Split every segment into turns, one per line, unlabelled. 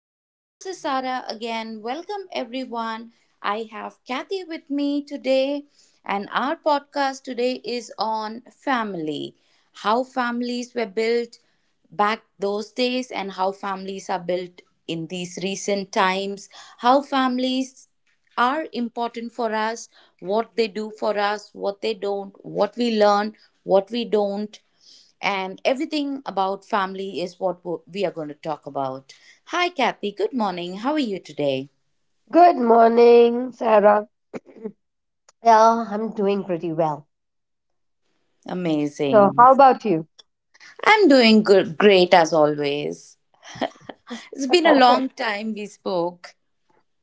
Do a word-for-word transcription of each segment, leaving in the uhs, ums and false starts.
and this is Sara again. Welcome, everyone. I have Kathy with me today, and our podcast today is on family, how families were built back those days, and how families are built in these recent times, how families are important for us, what they do for us, what they don't, what we learn, what we don't, and everything about family is what wo- we are going to talk about. Hi, Kathy. Good morning. How are you today?
Good morning, Sarah. Yeah, I'm doing pretty well. So,
Amazing.
how about you?
I'm doing good, great as always. It's been a long time we spoke.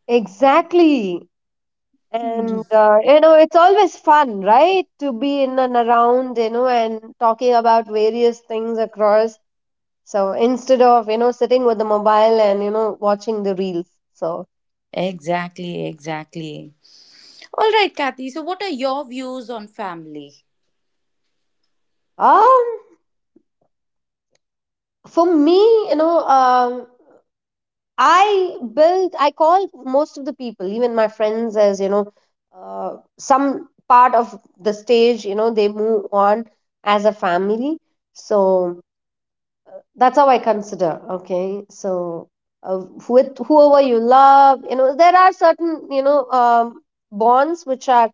Exactly.
Hmm.
And, uh, you know, it's always fun, right? To be in and around, you know, and talking about various things across. So, instead of, you know, sitting with the mobile and, you know, watching the reels. So,
Exactly, exactly. All right, Kathy. So, what are your views on family?
um, for me, you know, um, I build, I call most of the people, even my friends, as you know, uh, some part of the stage, you know, they move on as a family. So that's how I consider. Okay. So uh, with whoever you love, you know there are certain, you know um, bonds which are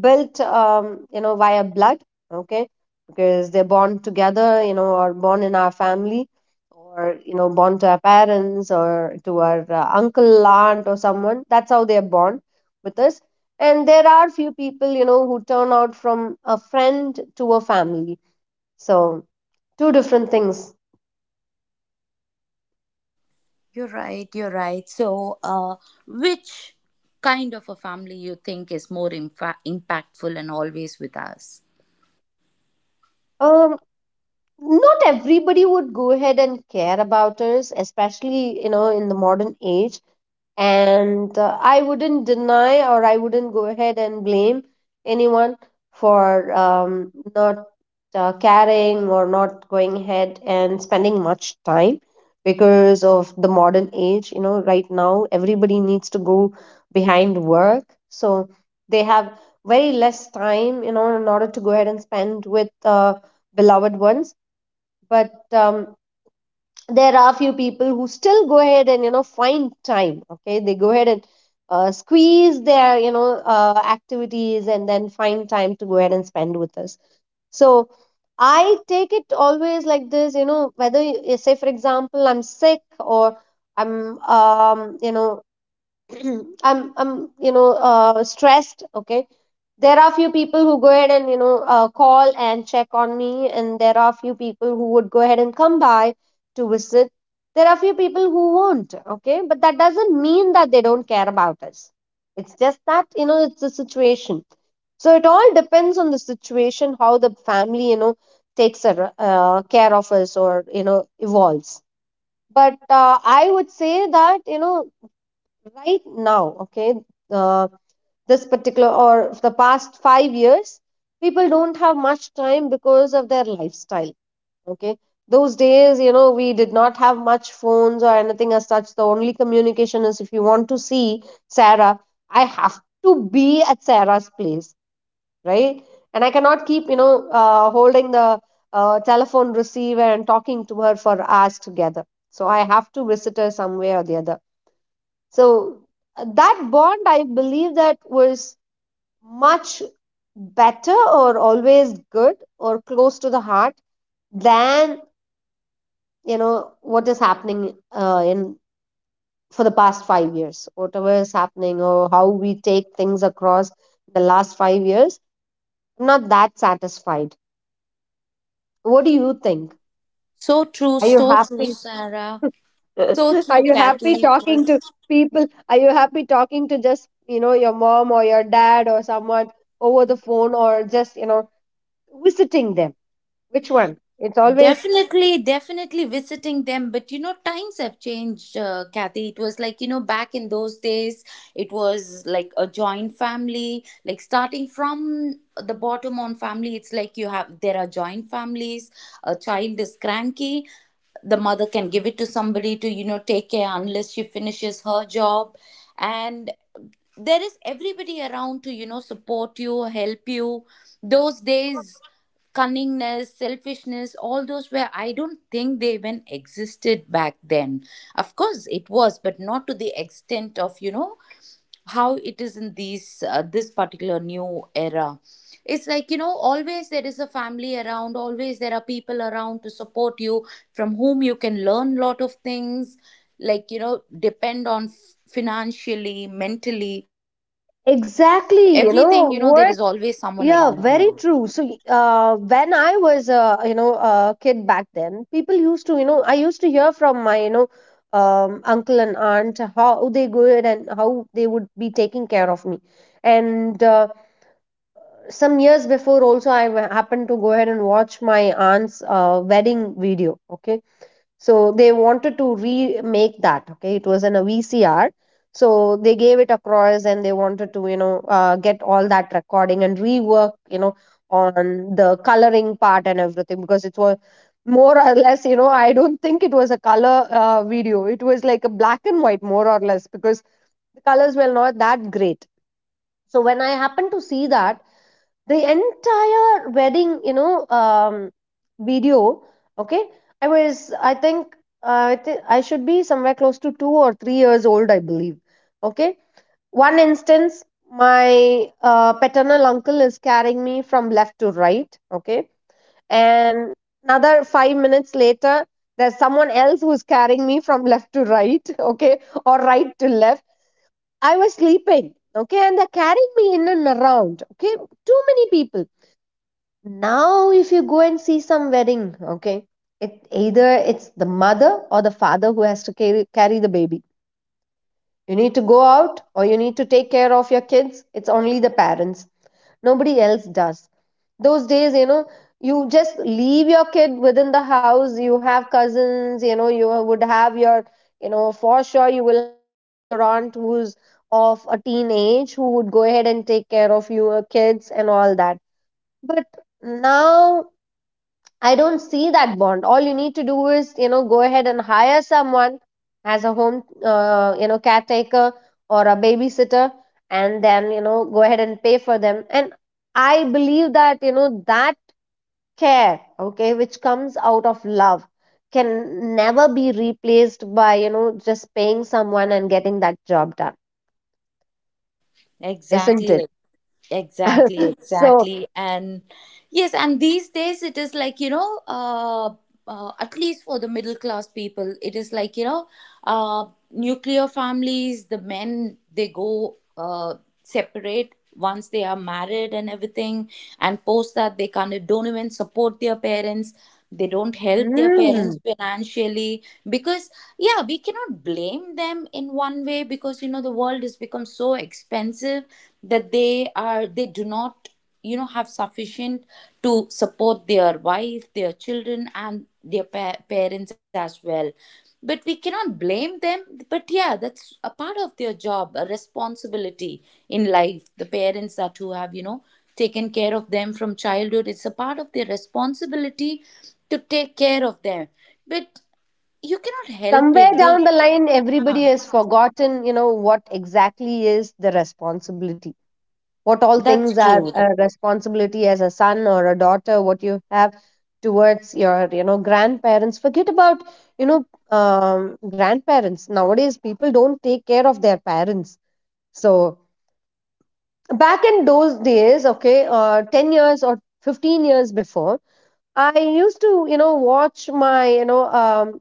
built, um, you know via blood. Okay, because they're born together, you know or born in our family, or, you know born to our parents, or to our uh, uncle, aunt, or someone. That's how they're born with us. And there are few people, you know, who turn out from a friend to a family. So two different things.
You're right, you're right. So, uh, which kind of a family you think is more imfa- impactful and always with us?
Um not everybody would go ahead and care about us, especially, you know, in the modern age. And uh, I wouldn't deny, or I wouldn't go ahead and blame anyone for, um, not uh, caring, or not going ahead and spending much time, because of the modern age. You know, right now everybody needs to go behind work. So they have very less time, you know, in order to go ahead and spend with uh, beloved ones. But, um, there are a few people who still go ahead and, you know, find time. Okay, they go ahead and uh, squeeze their, you know uh, activities, and then find time to go ahead and spend with us. So I take it always like this. You know, whether you- say for example, I'm sick, or I'm, um, you know, I'm I'm you know, uh, stressed. Okay, there are few people who go ahead and, you know uh, call and check on me, and there are few people who would go ahead and come by to visit. There are few people who won't. Okay, but that doesn't mean that they don't care about us. It's just that, you know, it's a situation. So it all depends on the situation, how the family, you know, takes ar- uh, care of us, or, you know, evolves. But uh, I would say that, you know, right now, okay, uh, this particular or the past five years, people don't have much time because of their lifestyle. Okay, those days, you know, we did not have much phones or anything as such. The only communication is, if you want to see Sarah, I have to be at Sarah's place, right? And I cannot keep, you know uh, holding the uh, telephone receiver and talking to her for hours together. So I have to visit her some way or the other. So uh, that bond, I believe, that was much better, or always good, or close to the heart than, you know, what is happening uh, in, for the past five years, whatever is happening, or how we take things across the last five years. I'm not that satisfied. What do you think?
So true,
Are you
so true,
happy?
Sarah. So
Are
true,
you happy
Kathy. It
talking
was
to people? Are you happy talking to just, you know, your mom, or your dad, or someone over the phone, or just, you know, visiting them? Which one? It's always
definitely, definitely visiting them. But you know, times have changed, uh, Kathy. It was like, you know, back in those days, it was like a joint family, like starting from the bottom on family. It's like you have, there are joint families, a child is cranky. The mother can give it to somebody to, you know, take care unless she finishes her job, and there is everybody around to, you know, support you, help you. Those days, cunningness, selfishness, all those were, I don't think they even existed back then. Of course it was, but not to the extent of, you know, how it is in these, uh, this particular new era. It's like, you know, always there is a family around, always there are people around to support you, from whom you can learn lot of things, like, you know, depend on f- financially, mentally, everything, you know, there is
exactly, you
always
know
someone
what?
around you.
Yeah, very true. So, y- uh, when I was, uh, you know, a kid back then, people used to, you know, I used to hear from my, you know, um, uncle and aunt how they good, and how they would be taking care of me. And uh, some years before also, i wa- happened to go ahead and watch my aunt's uh, wedding video. Okay, so they wanted to remake that. Okay, it was in a VCR. So they gave it across, and they wanted to, you know uh, get all that recording and rework, you know, on the coloring part and everything, because it was more or less, you know, I don't think it was a color uh, video. It was like a black and white, more or less, because the colors were not that great. So when I happened to see that, the entire wedding, you know um video, okay, i was i think uh, I, think I should be somewhere close to two or three years old, I believe. Okay, one instance, my uh, paternal uncle is carrying me from left to right. Okay, and another five minutes later, there's someone else who's carrying me from left to right, okay, or right to left. I was sleeping, okay, and they're carrying me in and around. Okay, too many people. Now, if you go and see some wedding, okay, it either it's the mother or the father who has to carry carry the baby. You need to go out, or you need to take care of your kids. It's only the parents. Nobody else does. Those days, you know, you just leave your kid within the house. You have cousins, you know, you would have your, you know, for sure you will have your uncle or aunt who's of a teenage who would go ahead and take care of your kids and all that. But now I don't see that bond. All you need to do is, you know, go ahead and hire someone as a home, uh, you know, caretaker, or a babysitter, and then, you know, go ahead and pay for them. And I believe that, you know, that care, okay, which comes out of love, can never be replaced by, you know, just paying someone and getting that job done, isn't
Exactly.
it?
e-, Exactly,
So,
exactly. And yes, and these days it is like, you know, uh, uh, at least for the middle class people, it is like, you know, uh, nuclear families, the men, they go uh, separate once they are married and everything. And post that, they kind of don't even support their parents, they don't help their parents
mm,
financially, because yeah, we cannot blame them in one way, because, you know, the world has become so expensive that they are they do not, you know, have sufficient to support their wife, their children, and their pa- parents as well, but we cannot blame them. But yeah, that's a part of their job, a responsibility in life. The parents that who have, you know, taken care of them from childhood, it's a part of their responsibility to take care of them. But you cannot help
somewhere
it. They.
down the line, everybody
Ah,
has forgotten, you know, what exactly is the responsibility, what all things
that's
are
true.
a responsibility as a son or a daughter, what you have towards your, you know, grandparents. Forget about, you know um, grandparents. Nowadays, people don't take care of their parents. So back in those days, okay, uh, ten years or fifteen years before, I used to, you know, watch my, you know um,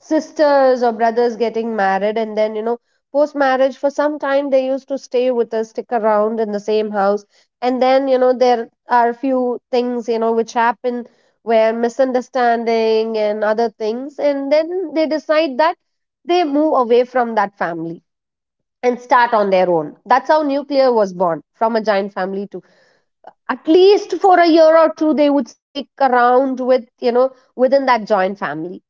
sisters or brothers getting married, and then, you know, post marriage, for some time they used to stay with us, stick around in the same house. And then, you know, there are a few things, you know, which happen, where misunderstanding and other things, and then they decide that they move away from that family, and start on their own. That's how nuclear was born, from a giant family to at least for a year or two they would stick around with, you know, within that joint family.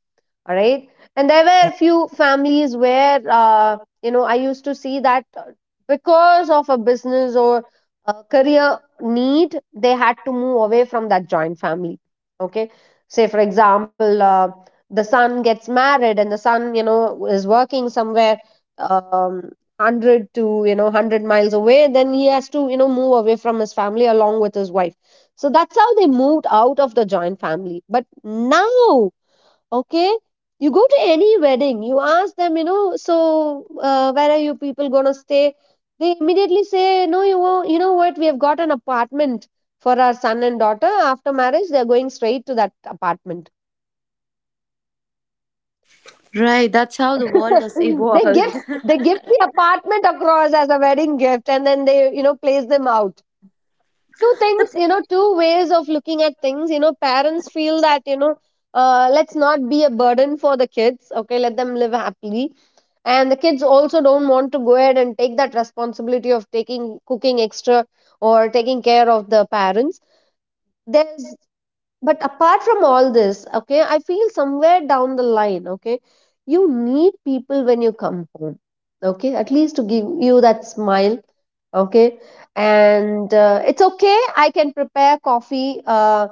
All right. And there were a few families where, uh, you know, I used to see that, uh, because of a business or a career need, they had to move away from that joint family. Okay, say for example, uh, the son gets married, and the son, you know, is working somewhere, um, one hundred to, you know, one hundred miles away. Then he has to, you know, move away from his family along with his wife. So that's how they moved out of the joint family. But now, okay, you go to any wedding, you ask them, you know, so uh, where are you people going to stay? They immediately say, no, you won't, you know what, we have got an apartment for our son and daughter. After marriage, they're going straight to that apartment.
Right, that's how the world has
they give
evolved.
they give the apartment across as a wedding gift, and then they, you know, place them out. Two things, you know, two ways of looking at things. You know, parents feel that, you know, uh, let's not be a burden for the kids. Okay, let them live happily. And the kids also don't want to go ahead and take that responsibility of taking cooking extra, or taking care of the parents. There's, but apart from all this, okay, I feel somewhere down the line, okay, you need people when you come home, okay, at least to give you that smile. Okay, and uh, it's okay, I can prepare coffee, uh,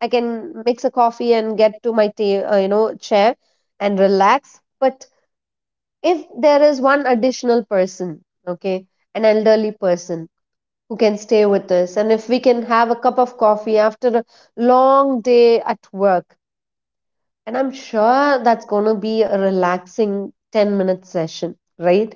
I can mix a coffee and get to my ta- uh, you know, chair, and relax. But if there is one additional person, okay, an elderly person who can stay with us, and if we can have a cup of coffee after a long day at work, and I'm sure that's going to be a relaxing ten minute session, right?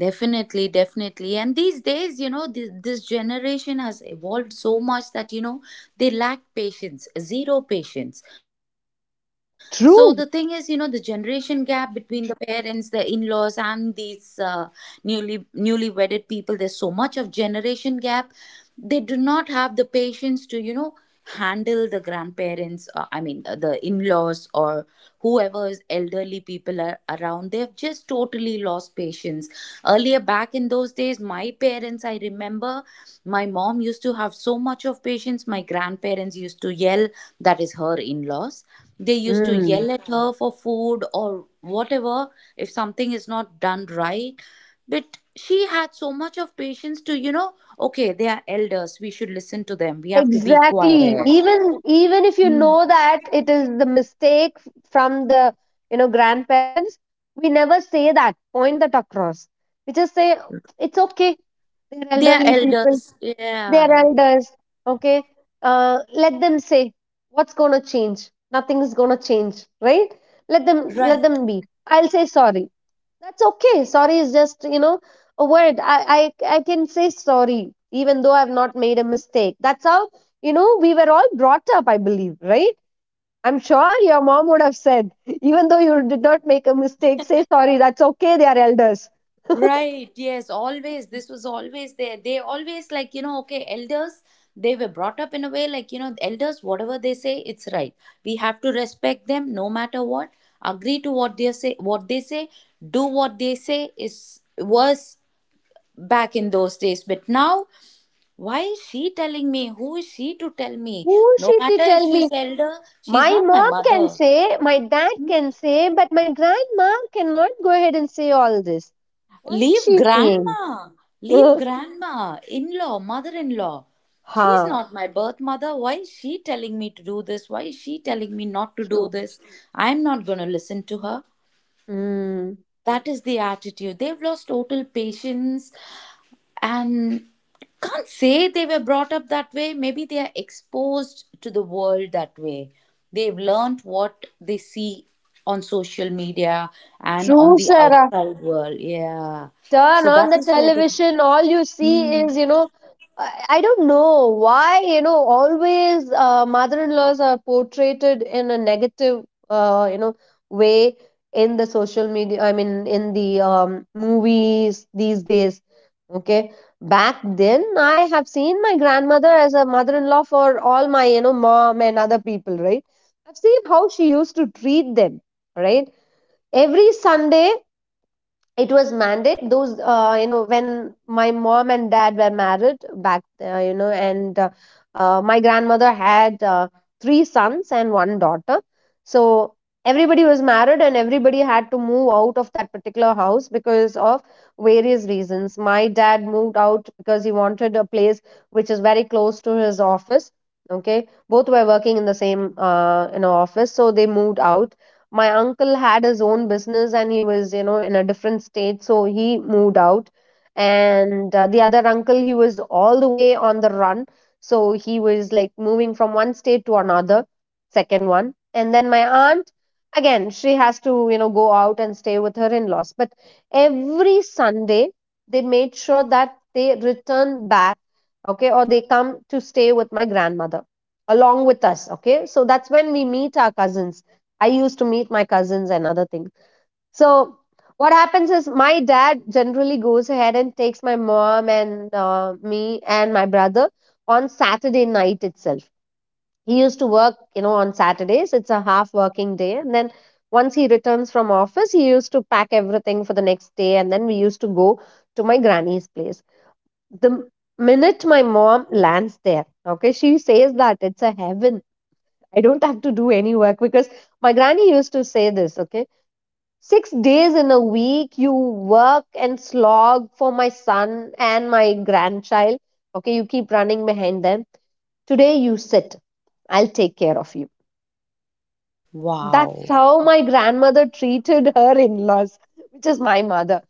Definitely, definitely. And these days, you know, this, this generation has evolved so much that, you know, they lack patience, zero patience. So the thing is, you know, the
True.
generation gap between the parents, the in-laws, and these, uh, newly newly wedded people, there's so much of generation gap. They do not have the patience to, you know, handle the grandparents, uh, I mean, uh, the in-laws, or whoever's elderly people are around, they've just totally lost patience. Earlier back in those days, my parents, I remember, my mom used to have so much of patience. My grandparents used to yell, that is her in-laws, they used to
Mm.
yell at her for food or whatever, if something is not done right, but she had so much of patience to, you know, okay, they are elders, we should listen to them, we have to be
Exactly.
quiet.
Even even if you know that it is the mistake f- from the, you know, grandparents, we never say that. Point that across. We just say it's okay. They're
They are
elderly people.
elders,
They're
yeah.
elders. Okay. Uh, let them say, what's gonna change? Nothing is gonna change, right? Let them let
Right,
them be. I'll say sorry. That's okay. Sorry is just, you know, a word. I, I, I can say sorry, even though I've not made a mistake. That's how, you know, we were all brought up, I believe, right? I'm sure your mom would have said, even though you did not make a mistake, say sorry. That's okay. They are elders.
right. Yes, always this was always there, they always like, you know, okay, elders, they were brought up in a way like, you know, elders, whatever they say, it's right, we have to respect them, no matter what, agree to what they say, what they say, do what they say is, was back in those days, but now. Why is she telling me? Who is she to tell me?
Who
No
she to
matter if
tell me?
she's elder, she's
My
not my
mom
mother.
can say, my dad can say, but my grandma cannot go ahead and say all this. What is
Leave
she saying?
grandma. Leave grandma, in law, mother in law. She's
Ha,
not my birth mother. Why is she telling me to do this? Why is she telling me not to do
true.
this? I'm not going to listen to her.
Hmm.
That is the attitude. They've lost total patience, and can't say they were brought up that way. Maybe they are exposed to the world that way. They've learned what they see on social media and on
True,
the
sir.
outside world. Yeah.
Turn
So
on
that
the
is where they.
television, all you see
Hmm.
is, you know, I I don't know why, you know, always uh, mother-in-laws are portrayed in a negative, uh, you know, way in the social media, I mean, in the um, movies these days. Okay. Back then, I have seen my grandmother as a mother-in-law for all my, you know, mom and other people, right? I've seen how she used to treat them, right? Every Sunday, it was mandate those uh, you know when my mom and dad were married back uh, you know and uh, uh, my grandmother had uh, three sons and one daughter, so everybody was married and everybody had to move out of that particular house because of various reasons. My dad moved out because he wanted a place which is very close to his office. Okay, both were working in the same uh, you know office, so they moved out. My uncle had his own business and he was, you know, in a different state, so he moved out. And uh, the other uncle, he was all the way on the run, so he was like moving from one state to another, second one. And then my aunt, again, she has to, you know, go out and stay with her in-laws. But every Sunday, they made sure that they return back, okay, or they come to stay with my grandmother along with us. Okay, so that's when we meet our cousins. I used to meet my cousins and other things. So what happens is my dad generally goes ahead and takes my mom and uh, me and my brother on Saturday night itself. He used to work, you know, on Saturdays. It's a half working day, and then once he returns from office, he used to pack everything for the next day, and then we used to go to my granny's place. The minute my mom lands there, okay, she says that it's a heaven. I don't have to do any work because my granny used to say this, okay. Six days in a week, you work and slog for my son and my grandchild. Okay, you keep running behind them. Today, you sit. I'll take care of you. That's
Wow.
how my grandmother treated her in laws, which is my mother.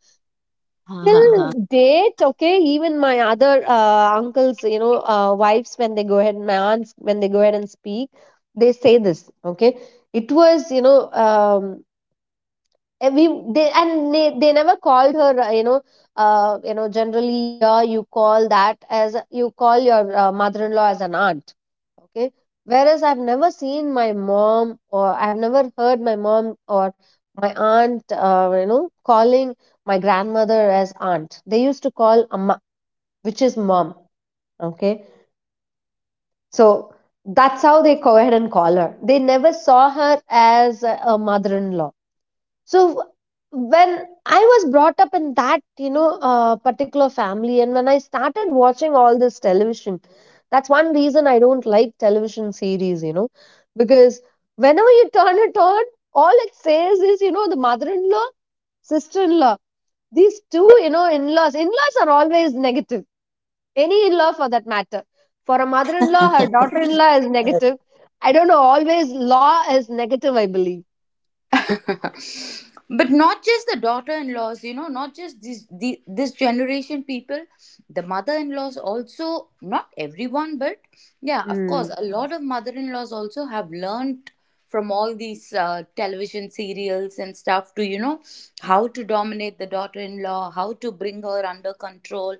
Till date, okay, even my other uh, uncles, you know, uh, wives, when they go ahead, my aunts, when they go ahead and speak, they say this, okay. It was, you know, um, and we they and they, they never called her uh, you know uh, you know generally here you call that as, you call your uh, mother-in-law as an aunt, okay, whereas I've never seen my mom or I've never heard my mom or my aunt uh, you know calling my grandmother as aunt. They used to call amma, which is mom. Okay, so that's how they go ahead and call her. They never saw her as a a mother-in-law. So when I was brought up in that, you know, uh, particular family and when I started watching all this television, that's one reason I don't like television series, you know, because whenever you turn it on, all it says is, you know, the mother-in-law, sister-in-law, these two, you know, in-laws, in-laws are always negative. Any in-law for that matter, for a mother-in-law, her daughter-in-law is negative. I don't know, always law is negative, I believe.
But not just the daughter-in-laws, you know, not just this the, this generation people, the mother-in-laws also, not everyone, but yeah, of course,
Mm.
a lot of mother-in-laws also have learned from all these, uh, television serials and stuff, to, you know, how to dominate the daughter-in-law, how to bring her under control,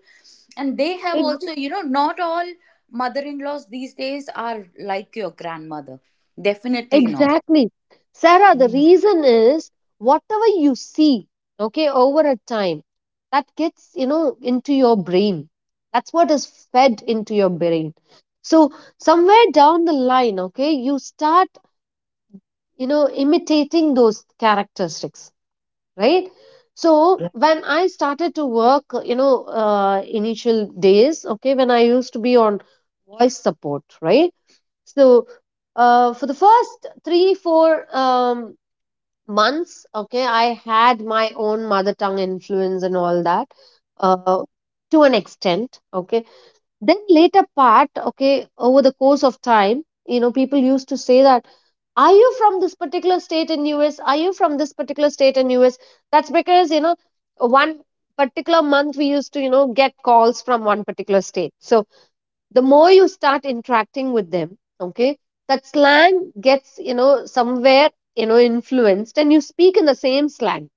and they have also, you know, not all mother-in-laws these days are like your grandmother. Definitely not.
Exactly. Sarah, the reason is whatever you see, okay, over a time, that gets, you know, into your brain. That's what is fed into your brain. So somewhere down the line, okay, you start, you know, imitating those characteristics, right? So when I started to work, you know, uh, initial days, okay, when I used to be on voice support, right? So, uh, for the first three, four um, months, okay, I had my own mother tongue influence and all that, uh, to an extent, okay. Then later part, okay, over the course of time, you know, people used to say that, are you from this particular state in U S? Are you from this particular state in U S? That's because, you know, one particular month we used to, you know, get calls from one particular state. So, the more you start interacting with them, okay, that slang gets, you know, somewhere, you know, influenced and you speak in the same slang.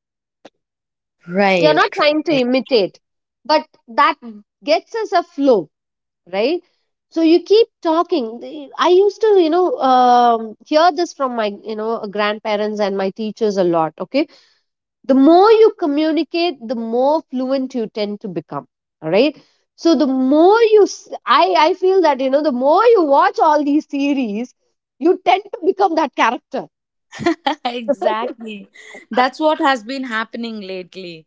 You're not
Right.
trying to imitate, but that gets us a flow, right? So you keep talking. The- I used to, you know, um, hear this from my, you know, grandparents and my teachers a lot, okay. The more you communicate, the more fluent you tend to become, all right? So the more you s- i i feel that, you know, the more you watch all these series, you tend to become that character.
Exactly. That's what has been happening lately.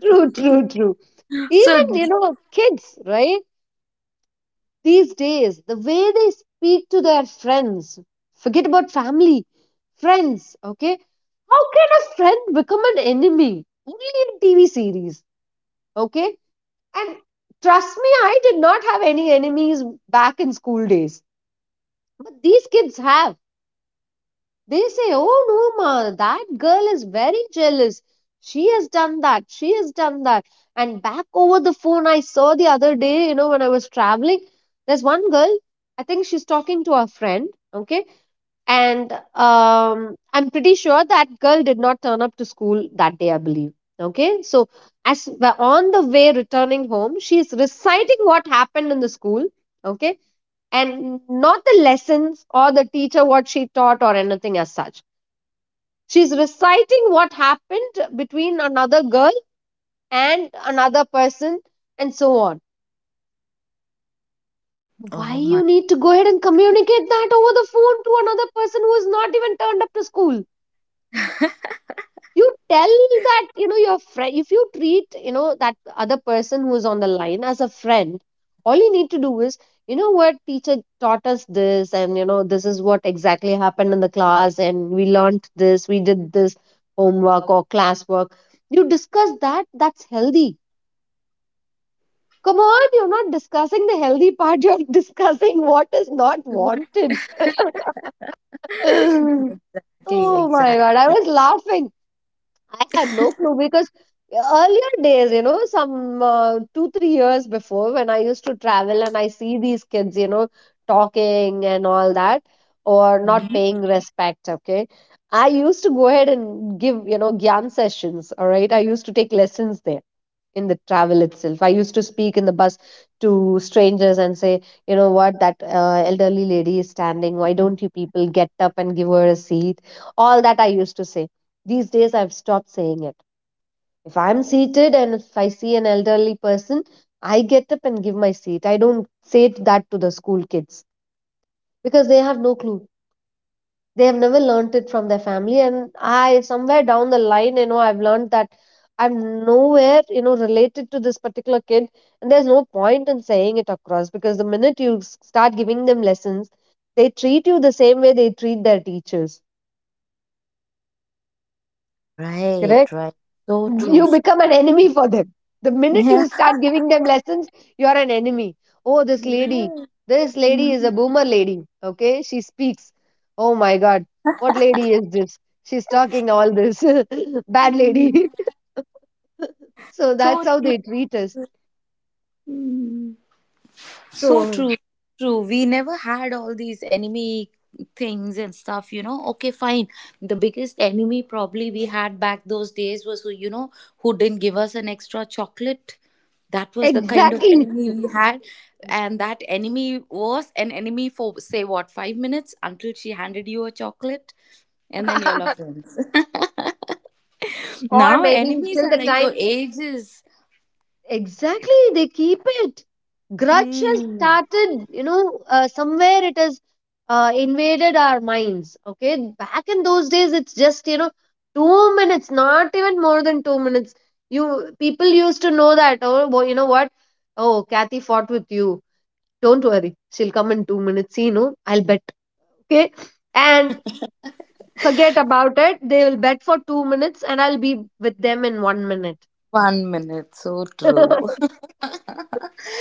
True, true, true.
So,
Even,
th-
you know, kids, right? These days, the way they speak to their friends, forget about family, friends, okay? How can a friend become an enemy? Only in T V series, okay? And trust me, I did not have any enemies back in school days. But these kids have. They say, oh no, ma, that girl is very jealous. She has done that. She has done that. And back over the phone, I saw the other day, you know, when I was traveling, there's one girl, I think she's talking to her friend. Okay, and um, I'm pretty sure that girl did not turn up to school that day, I believe. Okay, so as we're on the way returning home, she's reciting what happened in the school. Okay, and not the lessons or the teacher, what she taught or anything as such. She's reciting what happened between another girl and another person and so on. Why
Oh
you
my.
need to go ahead and communicate that over the phone to another person who has not even turned up to school? You tell that, you know, your friend, if you treat, you know, that other person who is on the line as a friend, all you need to do is, you know, what teacher taught us this and, you know, this is what exactly happened in the class and we learnt this, we did this homework or classwork. You discuss that, that's healthy. Come on, you're not discussing the healthy part, you're discussing what is not
What-
wanted.
exactly,
Oh my god,
exactly.
I was laughing. I had no clue because earlier days, you know, some uh, two, three years before when I used to travel and I see these kids, you know, talking and all that or not
Mhm.
paying respect, okay. I used to go ahead and give, you know, gyan sessions, all right. I used to take lessons there in the travel itself. I used to speak in the bus to strangers and say, you know what, that uh, elderly lady is standing. Why don't you people get up and give her a seat? All that I used to say. These days, I've stopped saying it. If I'm seated and if I see an elderly person, I get up and give my seat. I don't say it that to the school kids because they have no clue. They have never learnt it from their family. And I, somewhere down the line, you know, I've learned that I'm nowhere, you know, related to this particular kid, and there's no point in saying it across because the minute you s- start giving them lessons, they treat you the same way they treat their teachers.
Right,
Correct.
right. So
You
true. So.
become an enemy for them. The minute you
Yeah.
start giving them lessons, you are an enemy. Oh, this lady,
Right.
this lady is
Mhm.
a boomer lady. Okay, she speaks. Oh my god, what lady is this? She's talking all this. Bad lady. So
So,
that's how they treat us.
true. So
So,
true, true. We never had all these enemy things and stuff, you know. Okay, fine. The biggest enemy probably we had back those days was who, you know, who didn't give us an extra chocolate. That was the kind of
exactly.
enemy we had. And that enemy was an enemy for, say, what, five minutes until she handed you a chocolate. And then you're all friends.
Or
Now,
maybe
enemies
till
are
the
like
time.
for ages.
Exactly, they keep it. Grudge has
Mm,
started, you know, uh, somewhere it has uh, invaded our minds. Okay, back in those days, it's just, you know, two minutes, not even more than two minutes. You people used to know that. Oh, wo- you know what? Oh, Kathy fought with you. Don't worry, she'll come in two minutes. You know, I'll bet. Okay, and forget about it. They will bet for two minutes, and I'll be with them in one minute.
one minute. So true.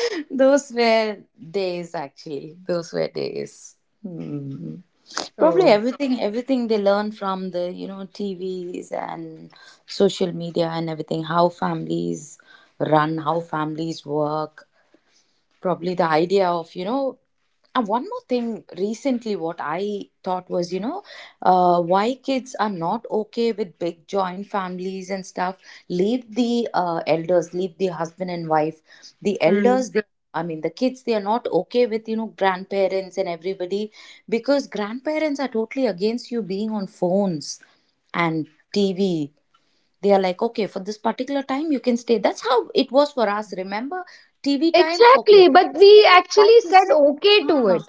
Those were days, actually. Those were days. Hmm. Probably
So.
everything, everything they learn from the, you know, T Vs and social media and everything. How families run, how families work, probably the idea of, you know, and one more thing recently what I thought was, you know, uh, why kids are not okay with big joint families and stuff. Leave the, uh, elders, leave the husband and wife, the
Mm.
elders they. I mean, the kids, they are not okay with, you know, grandparents and everybody, because grandparents are totally against you being on phones and T V. They are like, okay, for this particular time you can stay. That's how it was for us, remember? TV time, okay,
Exactly, but
six,
we actually
five to
said
six.
okay to
Ah.
it.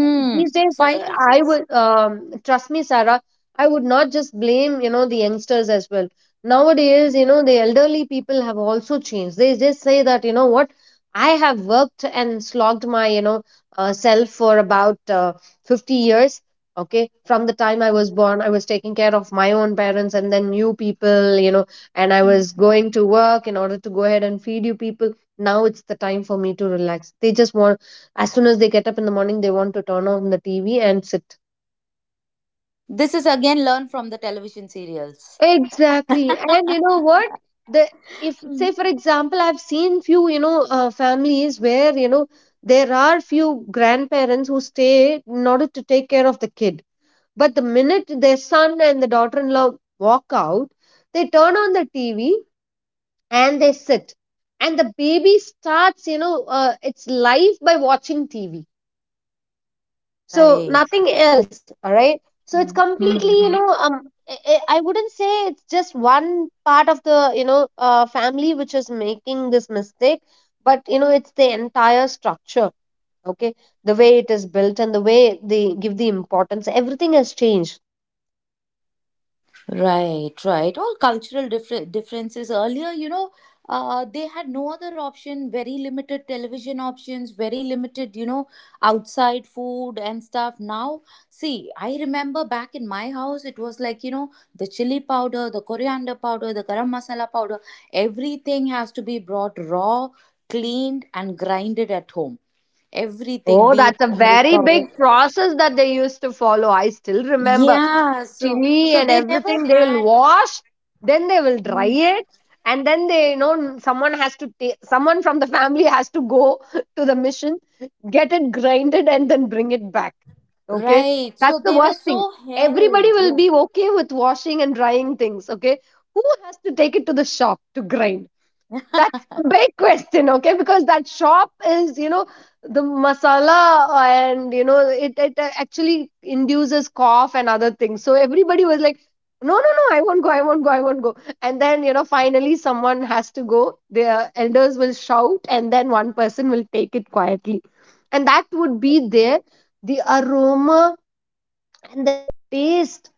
And these days,
five
uh,
to
I
six.
would um, trust me, Sarah. I would not just blame you know the youngsters as well. Nowadays, you know, the elderly people have also changed. They just say that, you know what, I have worked and slogged my you know uh, self for about uh, fifty years. Okay, from the time I was born, I was taking care of my own parents and then you people, you know, and I
Hmm.
was going to work in order to go ahead and feed you people. Now it's the time for me to relax. They just want, as soon as they get up in the morning, they want to turn on the T V and sit.
This is again learned from the television serials.
Exactly. And you know what? The If,
Hmm.
say for example, I've seen few, you know, uh, families where, you know, there are few grandparents who stay in order to take care of the kid. But the minute their son and the daughter-in-law walk out, they turn on the T V and they sit. And the baby starts, you know, uh, its life by watching T V. So
Right.
nothing else, all right? So it's
Hmm.
completely, you
Hmm.
know um i I- I wouldn't say it's just one part of the you know uh, family which is making this mistake, but, you know, it's the entire structure. Okay, the way it is built and the way they give the importance, everything has changed.
Right, right. All cultural differ- differences earlier, you know, uh, they had no other option, very limited television options, very limited, you know, outside food and stuff. Now, see, I remember back in my house, it was like, you know, the chili powder, the coriander powder, the garam masala powder, everything has to be brought raw, cleaned, and grinded at home. Everything,
Oh,
be it
that's a
turmeric
very
powder.
big process that they used to follow. I still remember.
Yeah, so
Chili
so
and
they never
everything, they will
had.
wash, then they will dry
Hmm.
it, and then they, you know, someone has to take someone from the family has to go to the mission, get it grinded, and then bring it back. Okay,
Right. So
that's the
they were
worst thing.
so
Everybody
held.
will
Yeah.
be okay with washing and drying things, okay? Who has to take it to the shop to grind? That's a big question, okay? Because that shop is, you know, the masala, and, you know, it, it uh, actually induces cough and other things. So everybody was like, no, no, no, I won't go, I won't go, I won't go. And then, you know, finally someone has to go. Their elders will shout, and then one person will take it quietly. And that would be there. The aroma and the taste.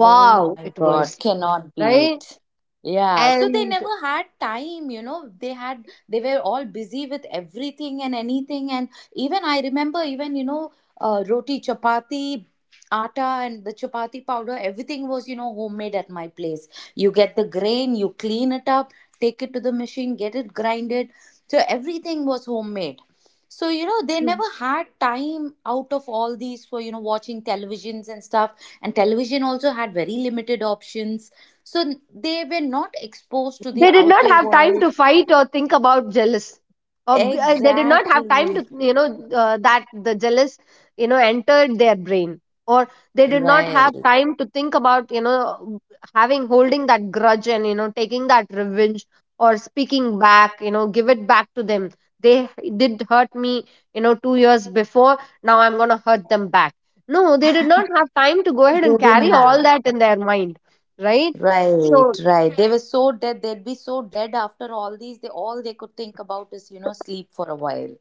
Oh my
it
God,
was,
cannot
right?
beat. Yeah, so they
And
never had time, you know. They had, they were all busy with everything and anything. And even I remember, even, you know, uh, roti, chapati, atta, and the chapati powder, everything was, you know, homemade at my place. You get the grain, you clean it up, take it to the machine, get it grinded. So everything was homemade. So, you know, they never had time out of all these for, you know, watching televisions and stuff, and television also had very limited options, so they were not exposed to the
they did not
outer
have time
world.
to fight or think about jealous, or b- uh, they did not have time
Exactly.
to, you know, uh, that the jealous, you know, entered their brain, or they did not have
Right.
time to think about, you know, having, holding that grudge and, you know, taking that revenge, or speaking back, you know, give it back to them. They did hurt me, you know, two years before, now I'm going to hurt them back. No, they did not have time to go ahead
They
and
didn't
carry
have.
all that in their mind. Right. So,
Right, right. They were so dead, they'd be so dead, after all these they all they could think about is, you know, sleep for a while.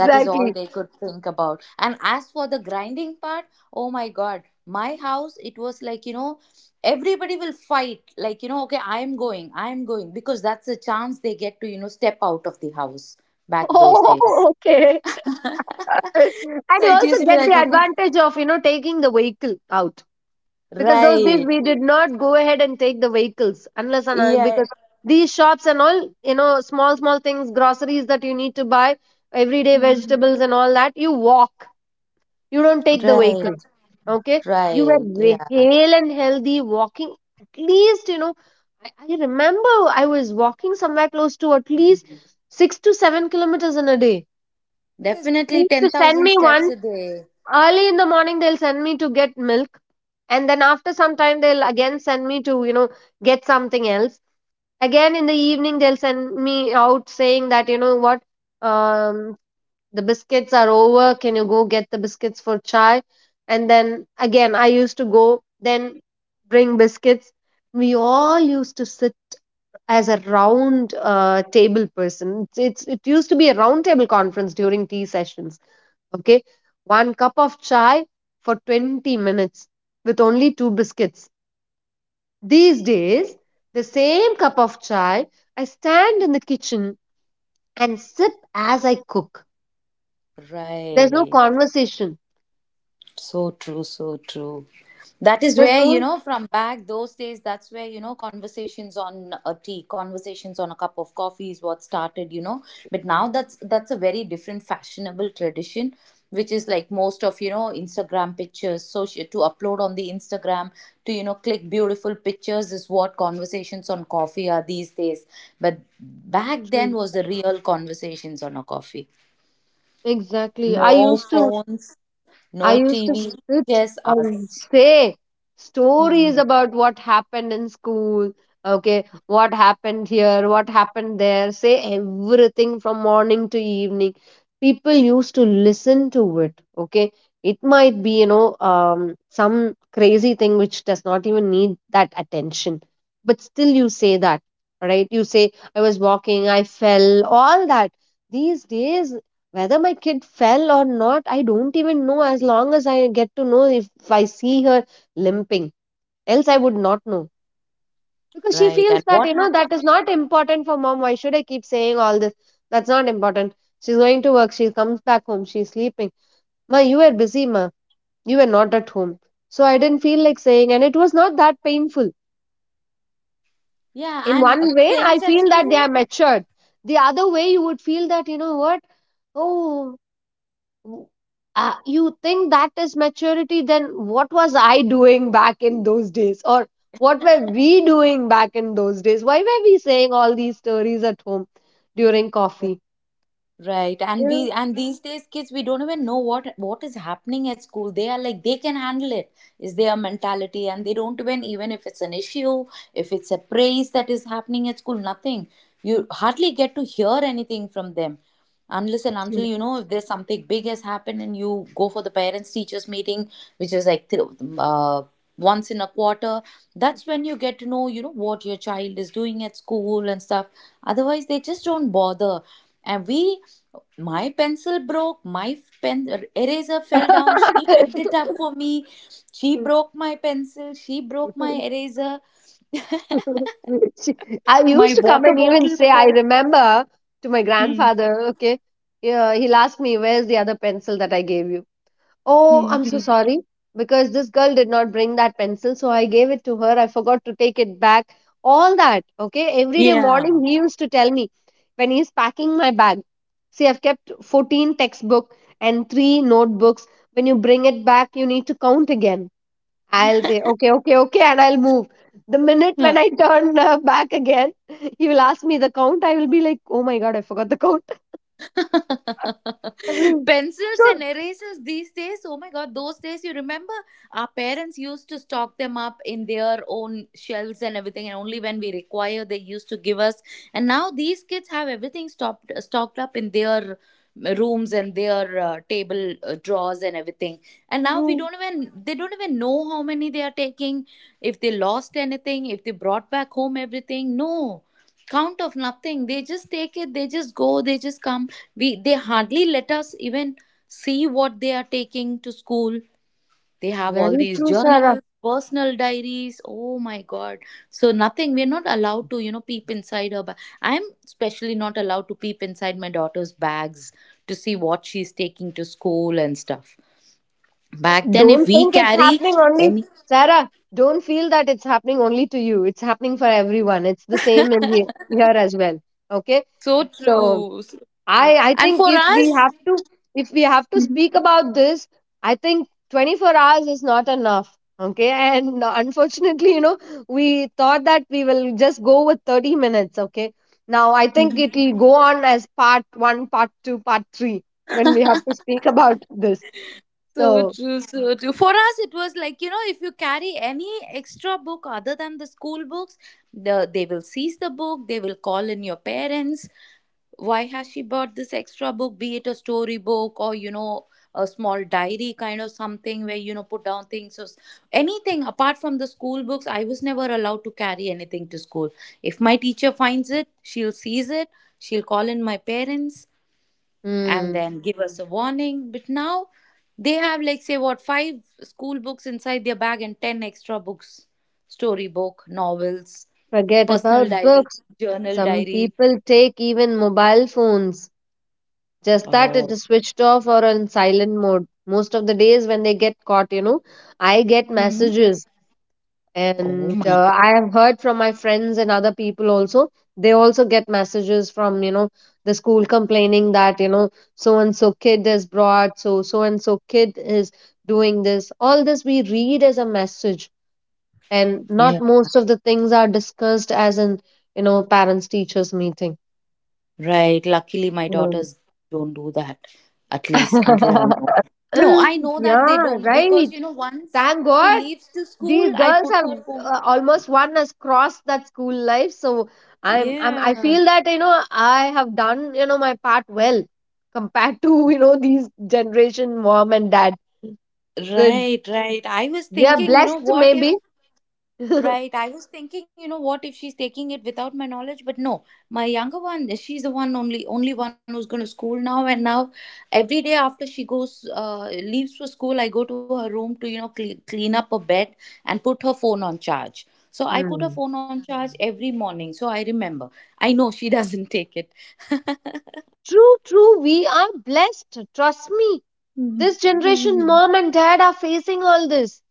That is all they could think about. And as for the grinding part, oh my God, my house, it was like, you know, everybody will fight. Like, you know, okay, I'm going, I'm going, because that's a chance they get to, you know, step out of the house back those days.
Oh, okay. And
So
you
it
also
used to be
get
like,
the
okay.
advantage of, you know, taking the vehicle out. Because those days
Right.
we did not go ahead and take the vehicles unless and un-
Yeah.
because these shops and all, you know, small, small things, groceries that you need to buy, everyday
Mhm.
vegetables and all that, you walk. You don't take the
Right.
vehicle. Okay. You were
Right. Yeah.
ve- hale and healthy walking, at least, you know, I, I remember I was walking somewhere close to at least six to seven kilometers in a day. Because they
Definitely
used to send
ten thousand
me
steps
one
a day.
early in the morning, they'll send me to get milk. And then after some time, they'll again send me to, you know, get something else. Again in the evening, they'll send me out saying that, you know what, um, the biscuits are over. Can you go get the biscuits for chai? And then again, I used to go, then bring biscuits. We all used to sit as a round uh, table person. It's, it's, it used to be a round table conference during tea sessions. Okay, one cup of chai for twenty minutes with only two biscuits. These days, the same cup of chai, I stand in the kitchen and sip as I cook. There's no
Right.
conversation.
So true, so true. That is
There's
where, you
no.
know, from back those days, that's where, you know, conversations on a tea, conversations on a cup of coffee is what started, you know. But now that's that's a very different fashionable tradition, which is like most of, you know, Instagram pictures, social to upload on the Instagram, to, you know, click beautiful pictures is what conversations on coffee are these days. But back then
True.
was the real conversations on a coffee.
Exactly. I
No
used to
phones,
I
no
used to
T V,
sit
just
and
us.
say stories
Hmm.
about what happened in school, okay, what happened here, what happened there, say everything from morning to evening. People used to listen to it, okay. It might be, you know, um, some crazy thing which does not even need that attention, but still you say that, right? You say, I was walking, I fell, all that. These days, whether my kid fell or not, I don't even know, as long as I get to know if I see her limping. Else, I would not know. Because she
Right.
feels
And
that,
what
you know, that is
happens?
not important for mom. Why should I keep saying all this? That's not important. She's going to work. She comes back home. She's sleeping. Ma, you were busy, ma. You were not at home. So I didn't feel like saying, and it was not that painful.
Yeah,
In
and ha-
one way, I
things at
feel that they
school.
are matured. The other way, you would feel that, you know what? Oh, w- uh, you think that is maturity, then what was I doing back in those days? Or what were we doing back in those days? Why were we saying all these stories at home during coffee?
Right, and
Yeah.
we and these days kids, we don't even know what what is happening at school. They are like they can handle it. Is their mentality, and they don't even even if it's an issue, if it's a praise that is happening at school, nothing. You hardly get to hear anything from them, unless and until you know if there's something big has happened and you go for the parents teachers meeting, which is like th- uh, once in a quarter. That's when you get to know you know what your child is doing at school and stuff. Otherwise, they just don't bother and we my pencil broke, my f- pen er, eraser fell down. She picked it up for me. She broke my pencil, she broke my eraser.
She- I
My
used to come
what?
and even say, I remember, to my
Hmm.
grandfather, okay, yeah, he'll ask me, where's the other pencil that I gave you? Oh,
Hmm.
I'm so
Hmm.
sorry, because this girl did not bring that pencil, so I gave it to her. I forgot to take it back. All that, okay? Every day
Yeah.
morning, he used to tell me when he's packing my bag. See, I've kept fourteen textbook and three notebooks. When you bring it back, you need to count again. I'll say, okay, okay, okay, and I'll move. The minute when I turn uh, back again, he will ask me the count. I will be like, oh my God, I forgot the count.
Pencils
So
and erasers these days, oh my god, those days you remember our parents used to stock them up in their own shelves and everything, and only when we require they used to give us. And now these kids have everything stocked stocked up in their rooms and their uh, table uh, drawers and everything. And now we
true.
don't even they don't even know how many they are taking, if they lost anything, if they brought back home everything. No count of nothing, they just take it, they just go, they just come, we they hardly let us even see what they are taking to school. They have all
Very
these
true, sir.
journals, personal diaries, oh my god. So nothing, we're not allowed to, you know, peep inside her bag. I'm especially not allowed to peep inside my daughter's bags to see what she's taking to school and stuff. Back then, if
Don't
we
think it's
carry
happening only,
any,
Sarah. Don't feel that it's happening only to you. It's happening for everyone. It's the same in here, here as well. Okay.
so
So
true, so true,
I I
and
think
for
if we
us.
have to, if we have to speak about this, I think twenty-four hours is not enough. Okay. And unfortunately, you know, we thought that we will just go with thirty minutes. Okay. Now I think it will go on as part one, part two, part three when we have to speak about this.
So
So.
true, so true. For us, it was like, you know, if you carry any extra book other than the school books, the, they will seize the book, they will call in your parents. Why has she bought this extra book, be it a storybook or, you know, a small diary kind of something where, you know, put down things or s- anything apart from the school books? I was never allowed to carry anything to school. If my teacher finds it, she'll seize it, she'll call in my parents and
Hmm.
then give us a warning. But now they have, like, say, what, five school books inside their bag and ten extra books, storybook, novels,
Forget
personal
about
diary,
books.
journal
Some
diary.
people take even mobile phones. Just that it
Oh,
is switched off or on silent mode. Most of the days when they get caught, you know, I get
hmm,
messages,
oh
and
my
uh,
God.
I have heard from my friends and other people also. They also get messages from, you know, the school complaining that, you know, so and so kid is brought, so so and so kid is doing this. All this we read as a message and not
Yeah.
most of the things are discussed as an, you know, parents teachers meeting.
Right. Luckily, my
Hmm.
daughters don't do that, at least until I know. No, I know that they
Yeah,
don't because, you
right,
know, once
thank
she
god
leaves to school,
these
I
girls
put
have
her phone.
uh, almost one has crossed that school life. So i'm i'm i
Yeah.
feel that, you know, I have done, you know, my part well compared to you know, these generation mom and dad. Good.
Right, right. I was
We are
thinking, you know,
blessed,
what if.
maybe.
Right. I was thinking, you know what, if she's taking it without my knowledge, but no, my younger one, she's the one only only one who's going to school now. And now, every day after she goes, uh, leaves for school, I go to her room to, you know, cle clean up a bed and put her phone on charge. So I put her
Hmm.
phone on charge every morning. So I remember. I know she doesn't take it.
True, true. We are blessed. Trust me. This generation
Hmm.
mom and dad are facing all this.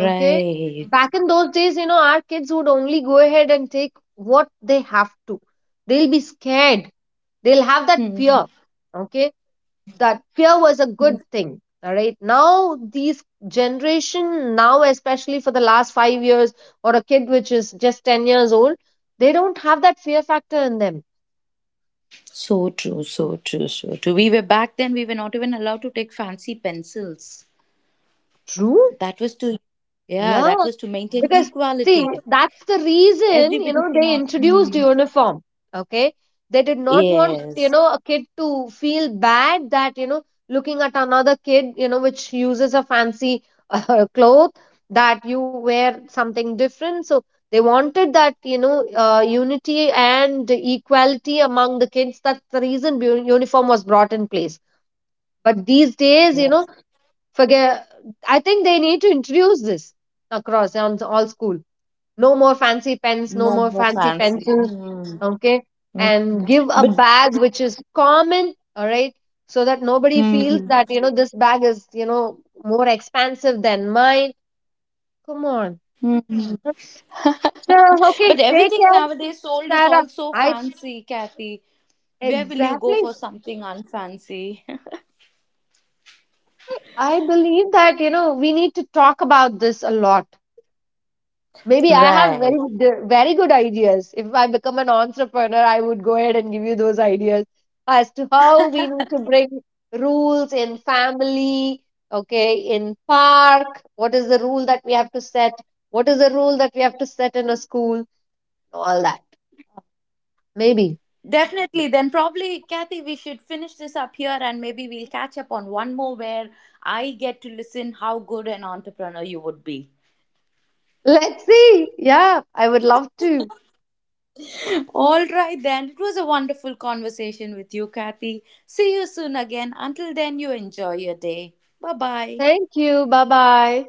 Okay, back in those days, you know, our kids would only go ahead and take what they have to. They'll be scared, they'll have that
Hmm.
fear. Okay, that fear was a good thing. All right, now these generation, now especially for the last five years, or a kid which is just ten years old, they don't have that fear factor in them.
So true, so true, so true. We were back then, we were not even allowed to take fancy pencils.
True.
That was to, yeah, that
Yeah,
was to maintain
because, see,
equality.
that's the reason, you
Everybody
know, they
cannot.
introduced
Mm.
uniform. Okay, they did not want, you
Yes,
know, a kid to feel bad that, you know, looking at another kid, you know, which uses a fancy uh, cloth, that you wear something different. So they wanted that, you know, uh, unity and equality among the kids. That's the reason bu- uniform was brought in place. But these days, you
right.
know, forget, I think they need to introduce this across on all school. No more fancy pens, no
No
more
more
fancy
fancy.
pencils.
Hmm.
Okay.
Hmm.
And give a
But
bag which is common. All right. So that nobody feels
hmm.
that, you know, this bag is, you know, more expensive than mine. Come on.
Hmm.
Sure. Okay.
But
Take
everything
care,
nowadays sold is
Sarah.
also
I,
fancy, Kathy. Where will you go
exactly.
for something unfancy?
I believe that, you know, we need to talk about this a lot. Maybe I have very
Right.
good- very good ideas. If I become an entrepreneur, I would go ahead and give you those ideas as to how we need to bring rules in family, okay, in park. What is the rule that we have to set? What is the rule that we have to set in a school? All that. Maybe.
Definitely. Then probably, Kathy, we should finish this up here and maybe we'll catch up on one more where I get to listen how good an entrepreneur you would be.
Let's see. Yeah, I would love to.
All right, then. It was a wonderful conversation with you, Kathy. See you soon again. Until then, you enjoy your day. Bye bye.
Thank you. Bye bye.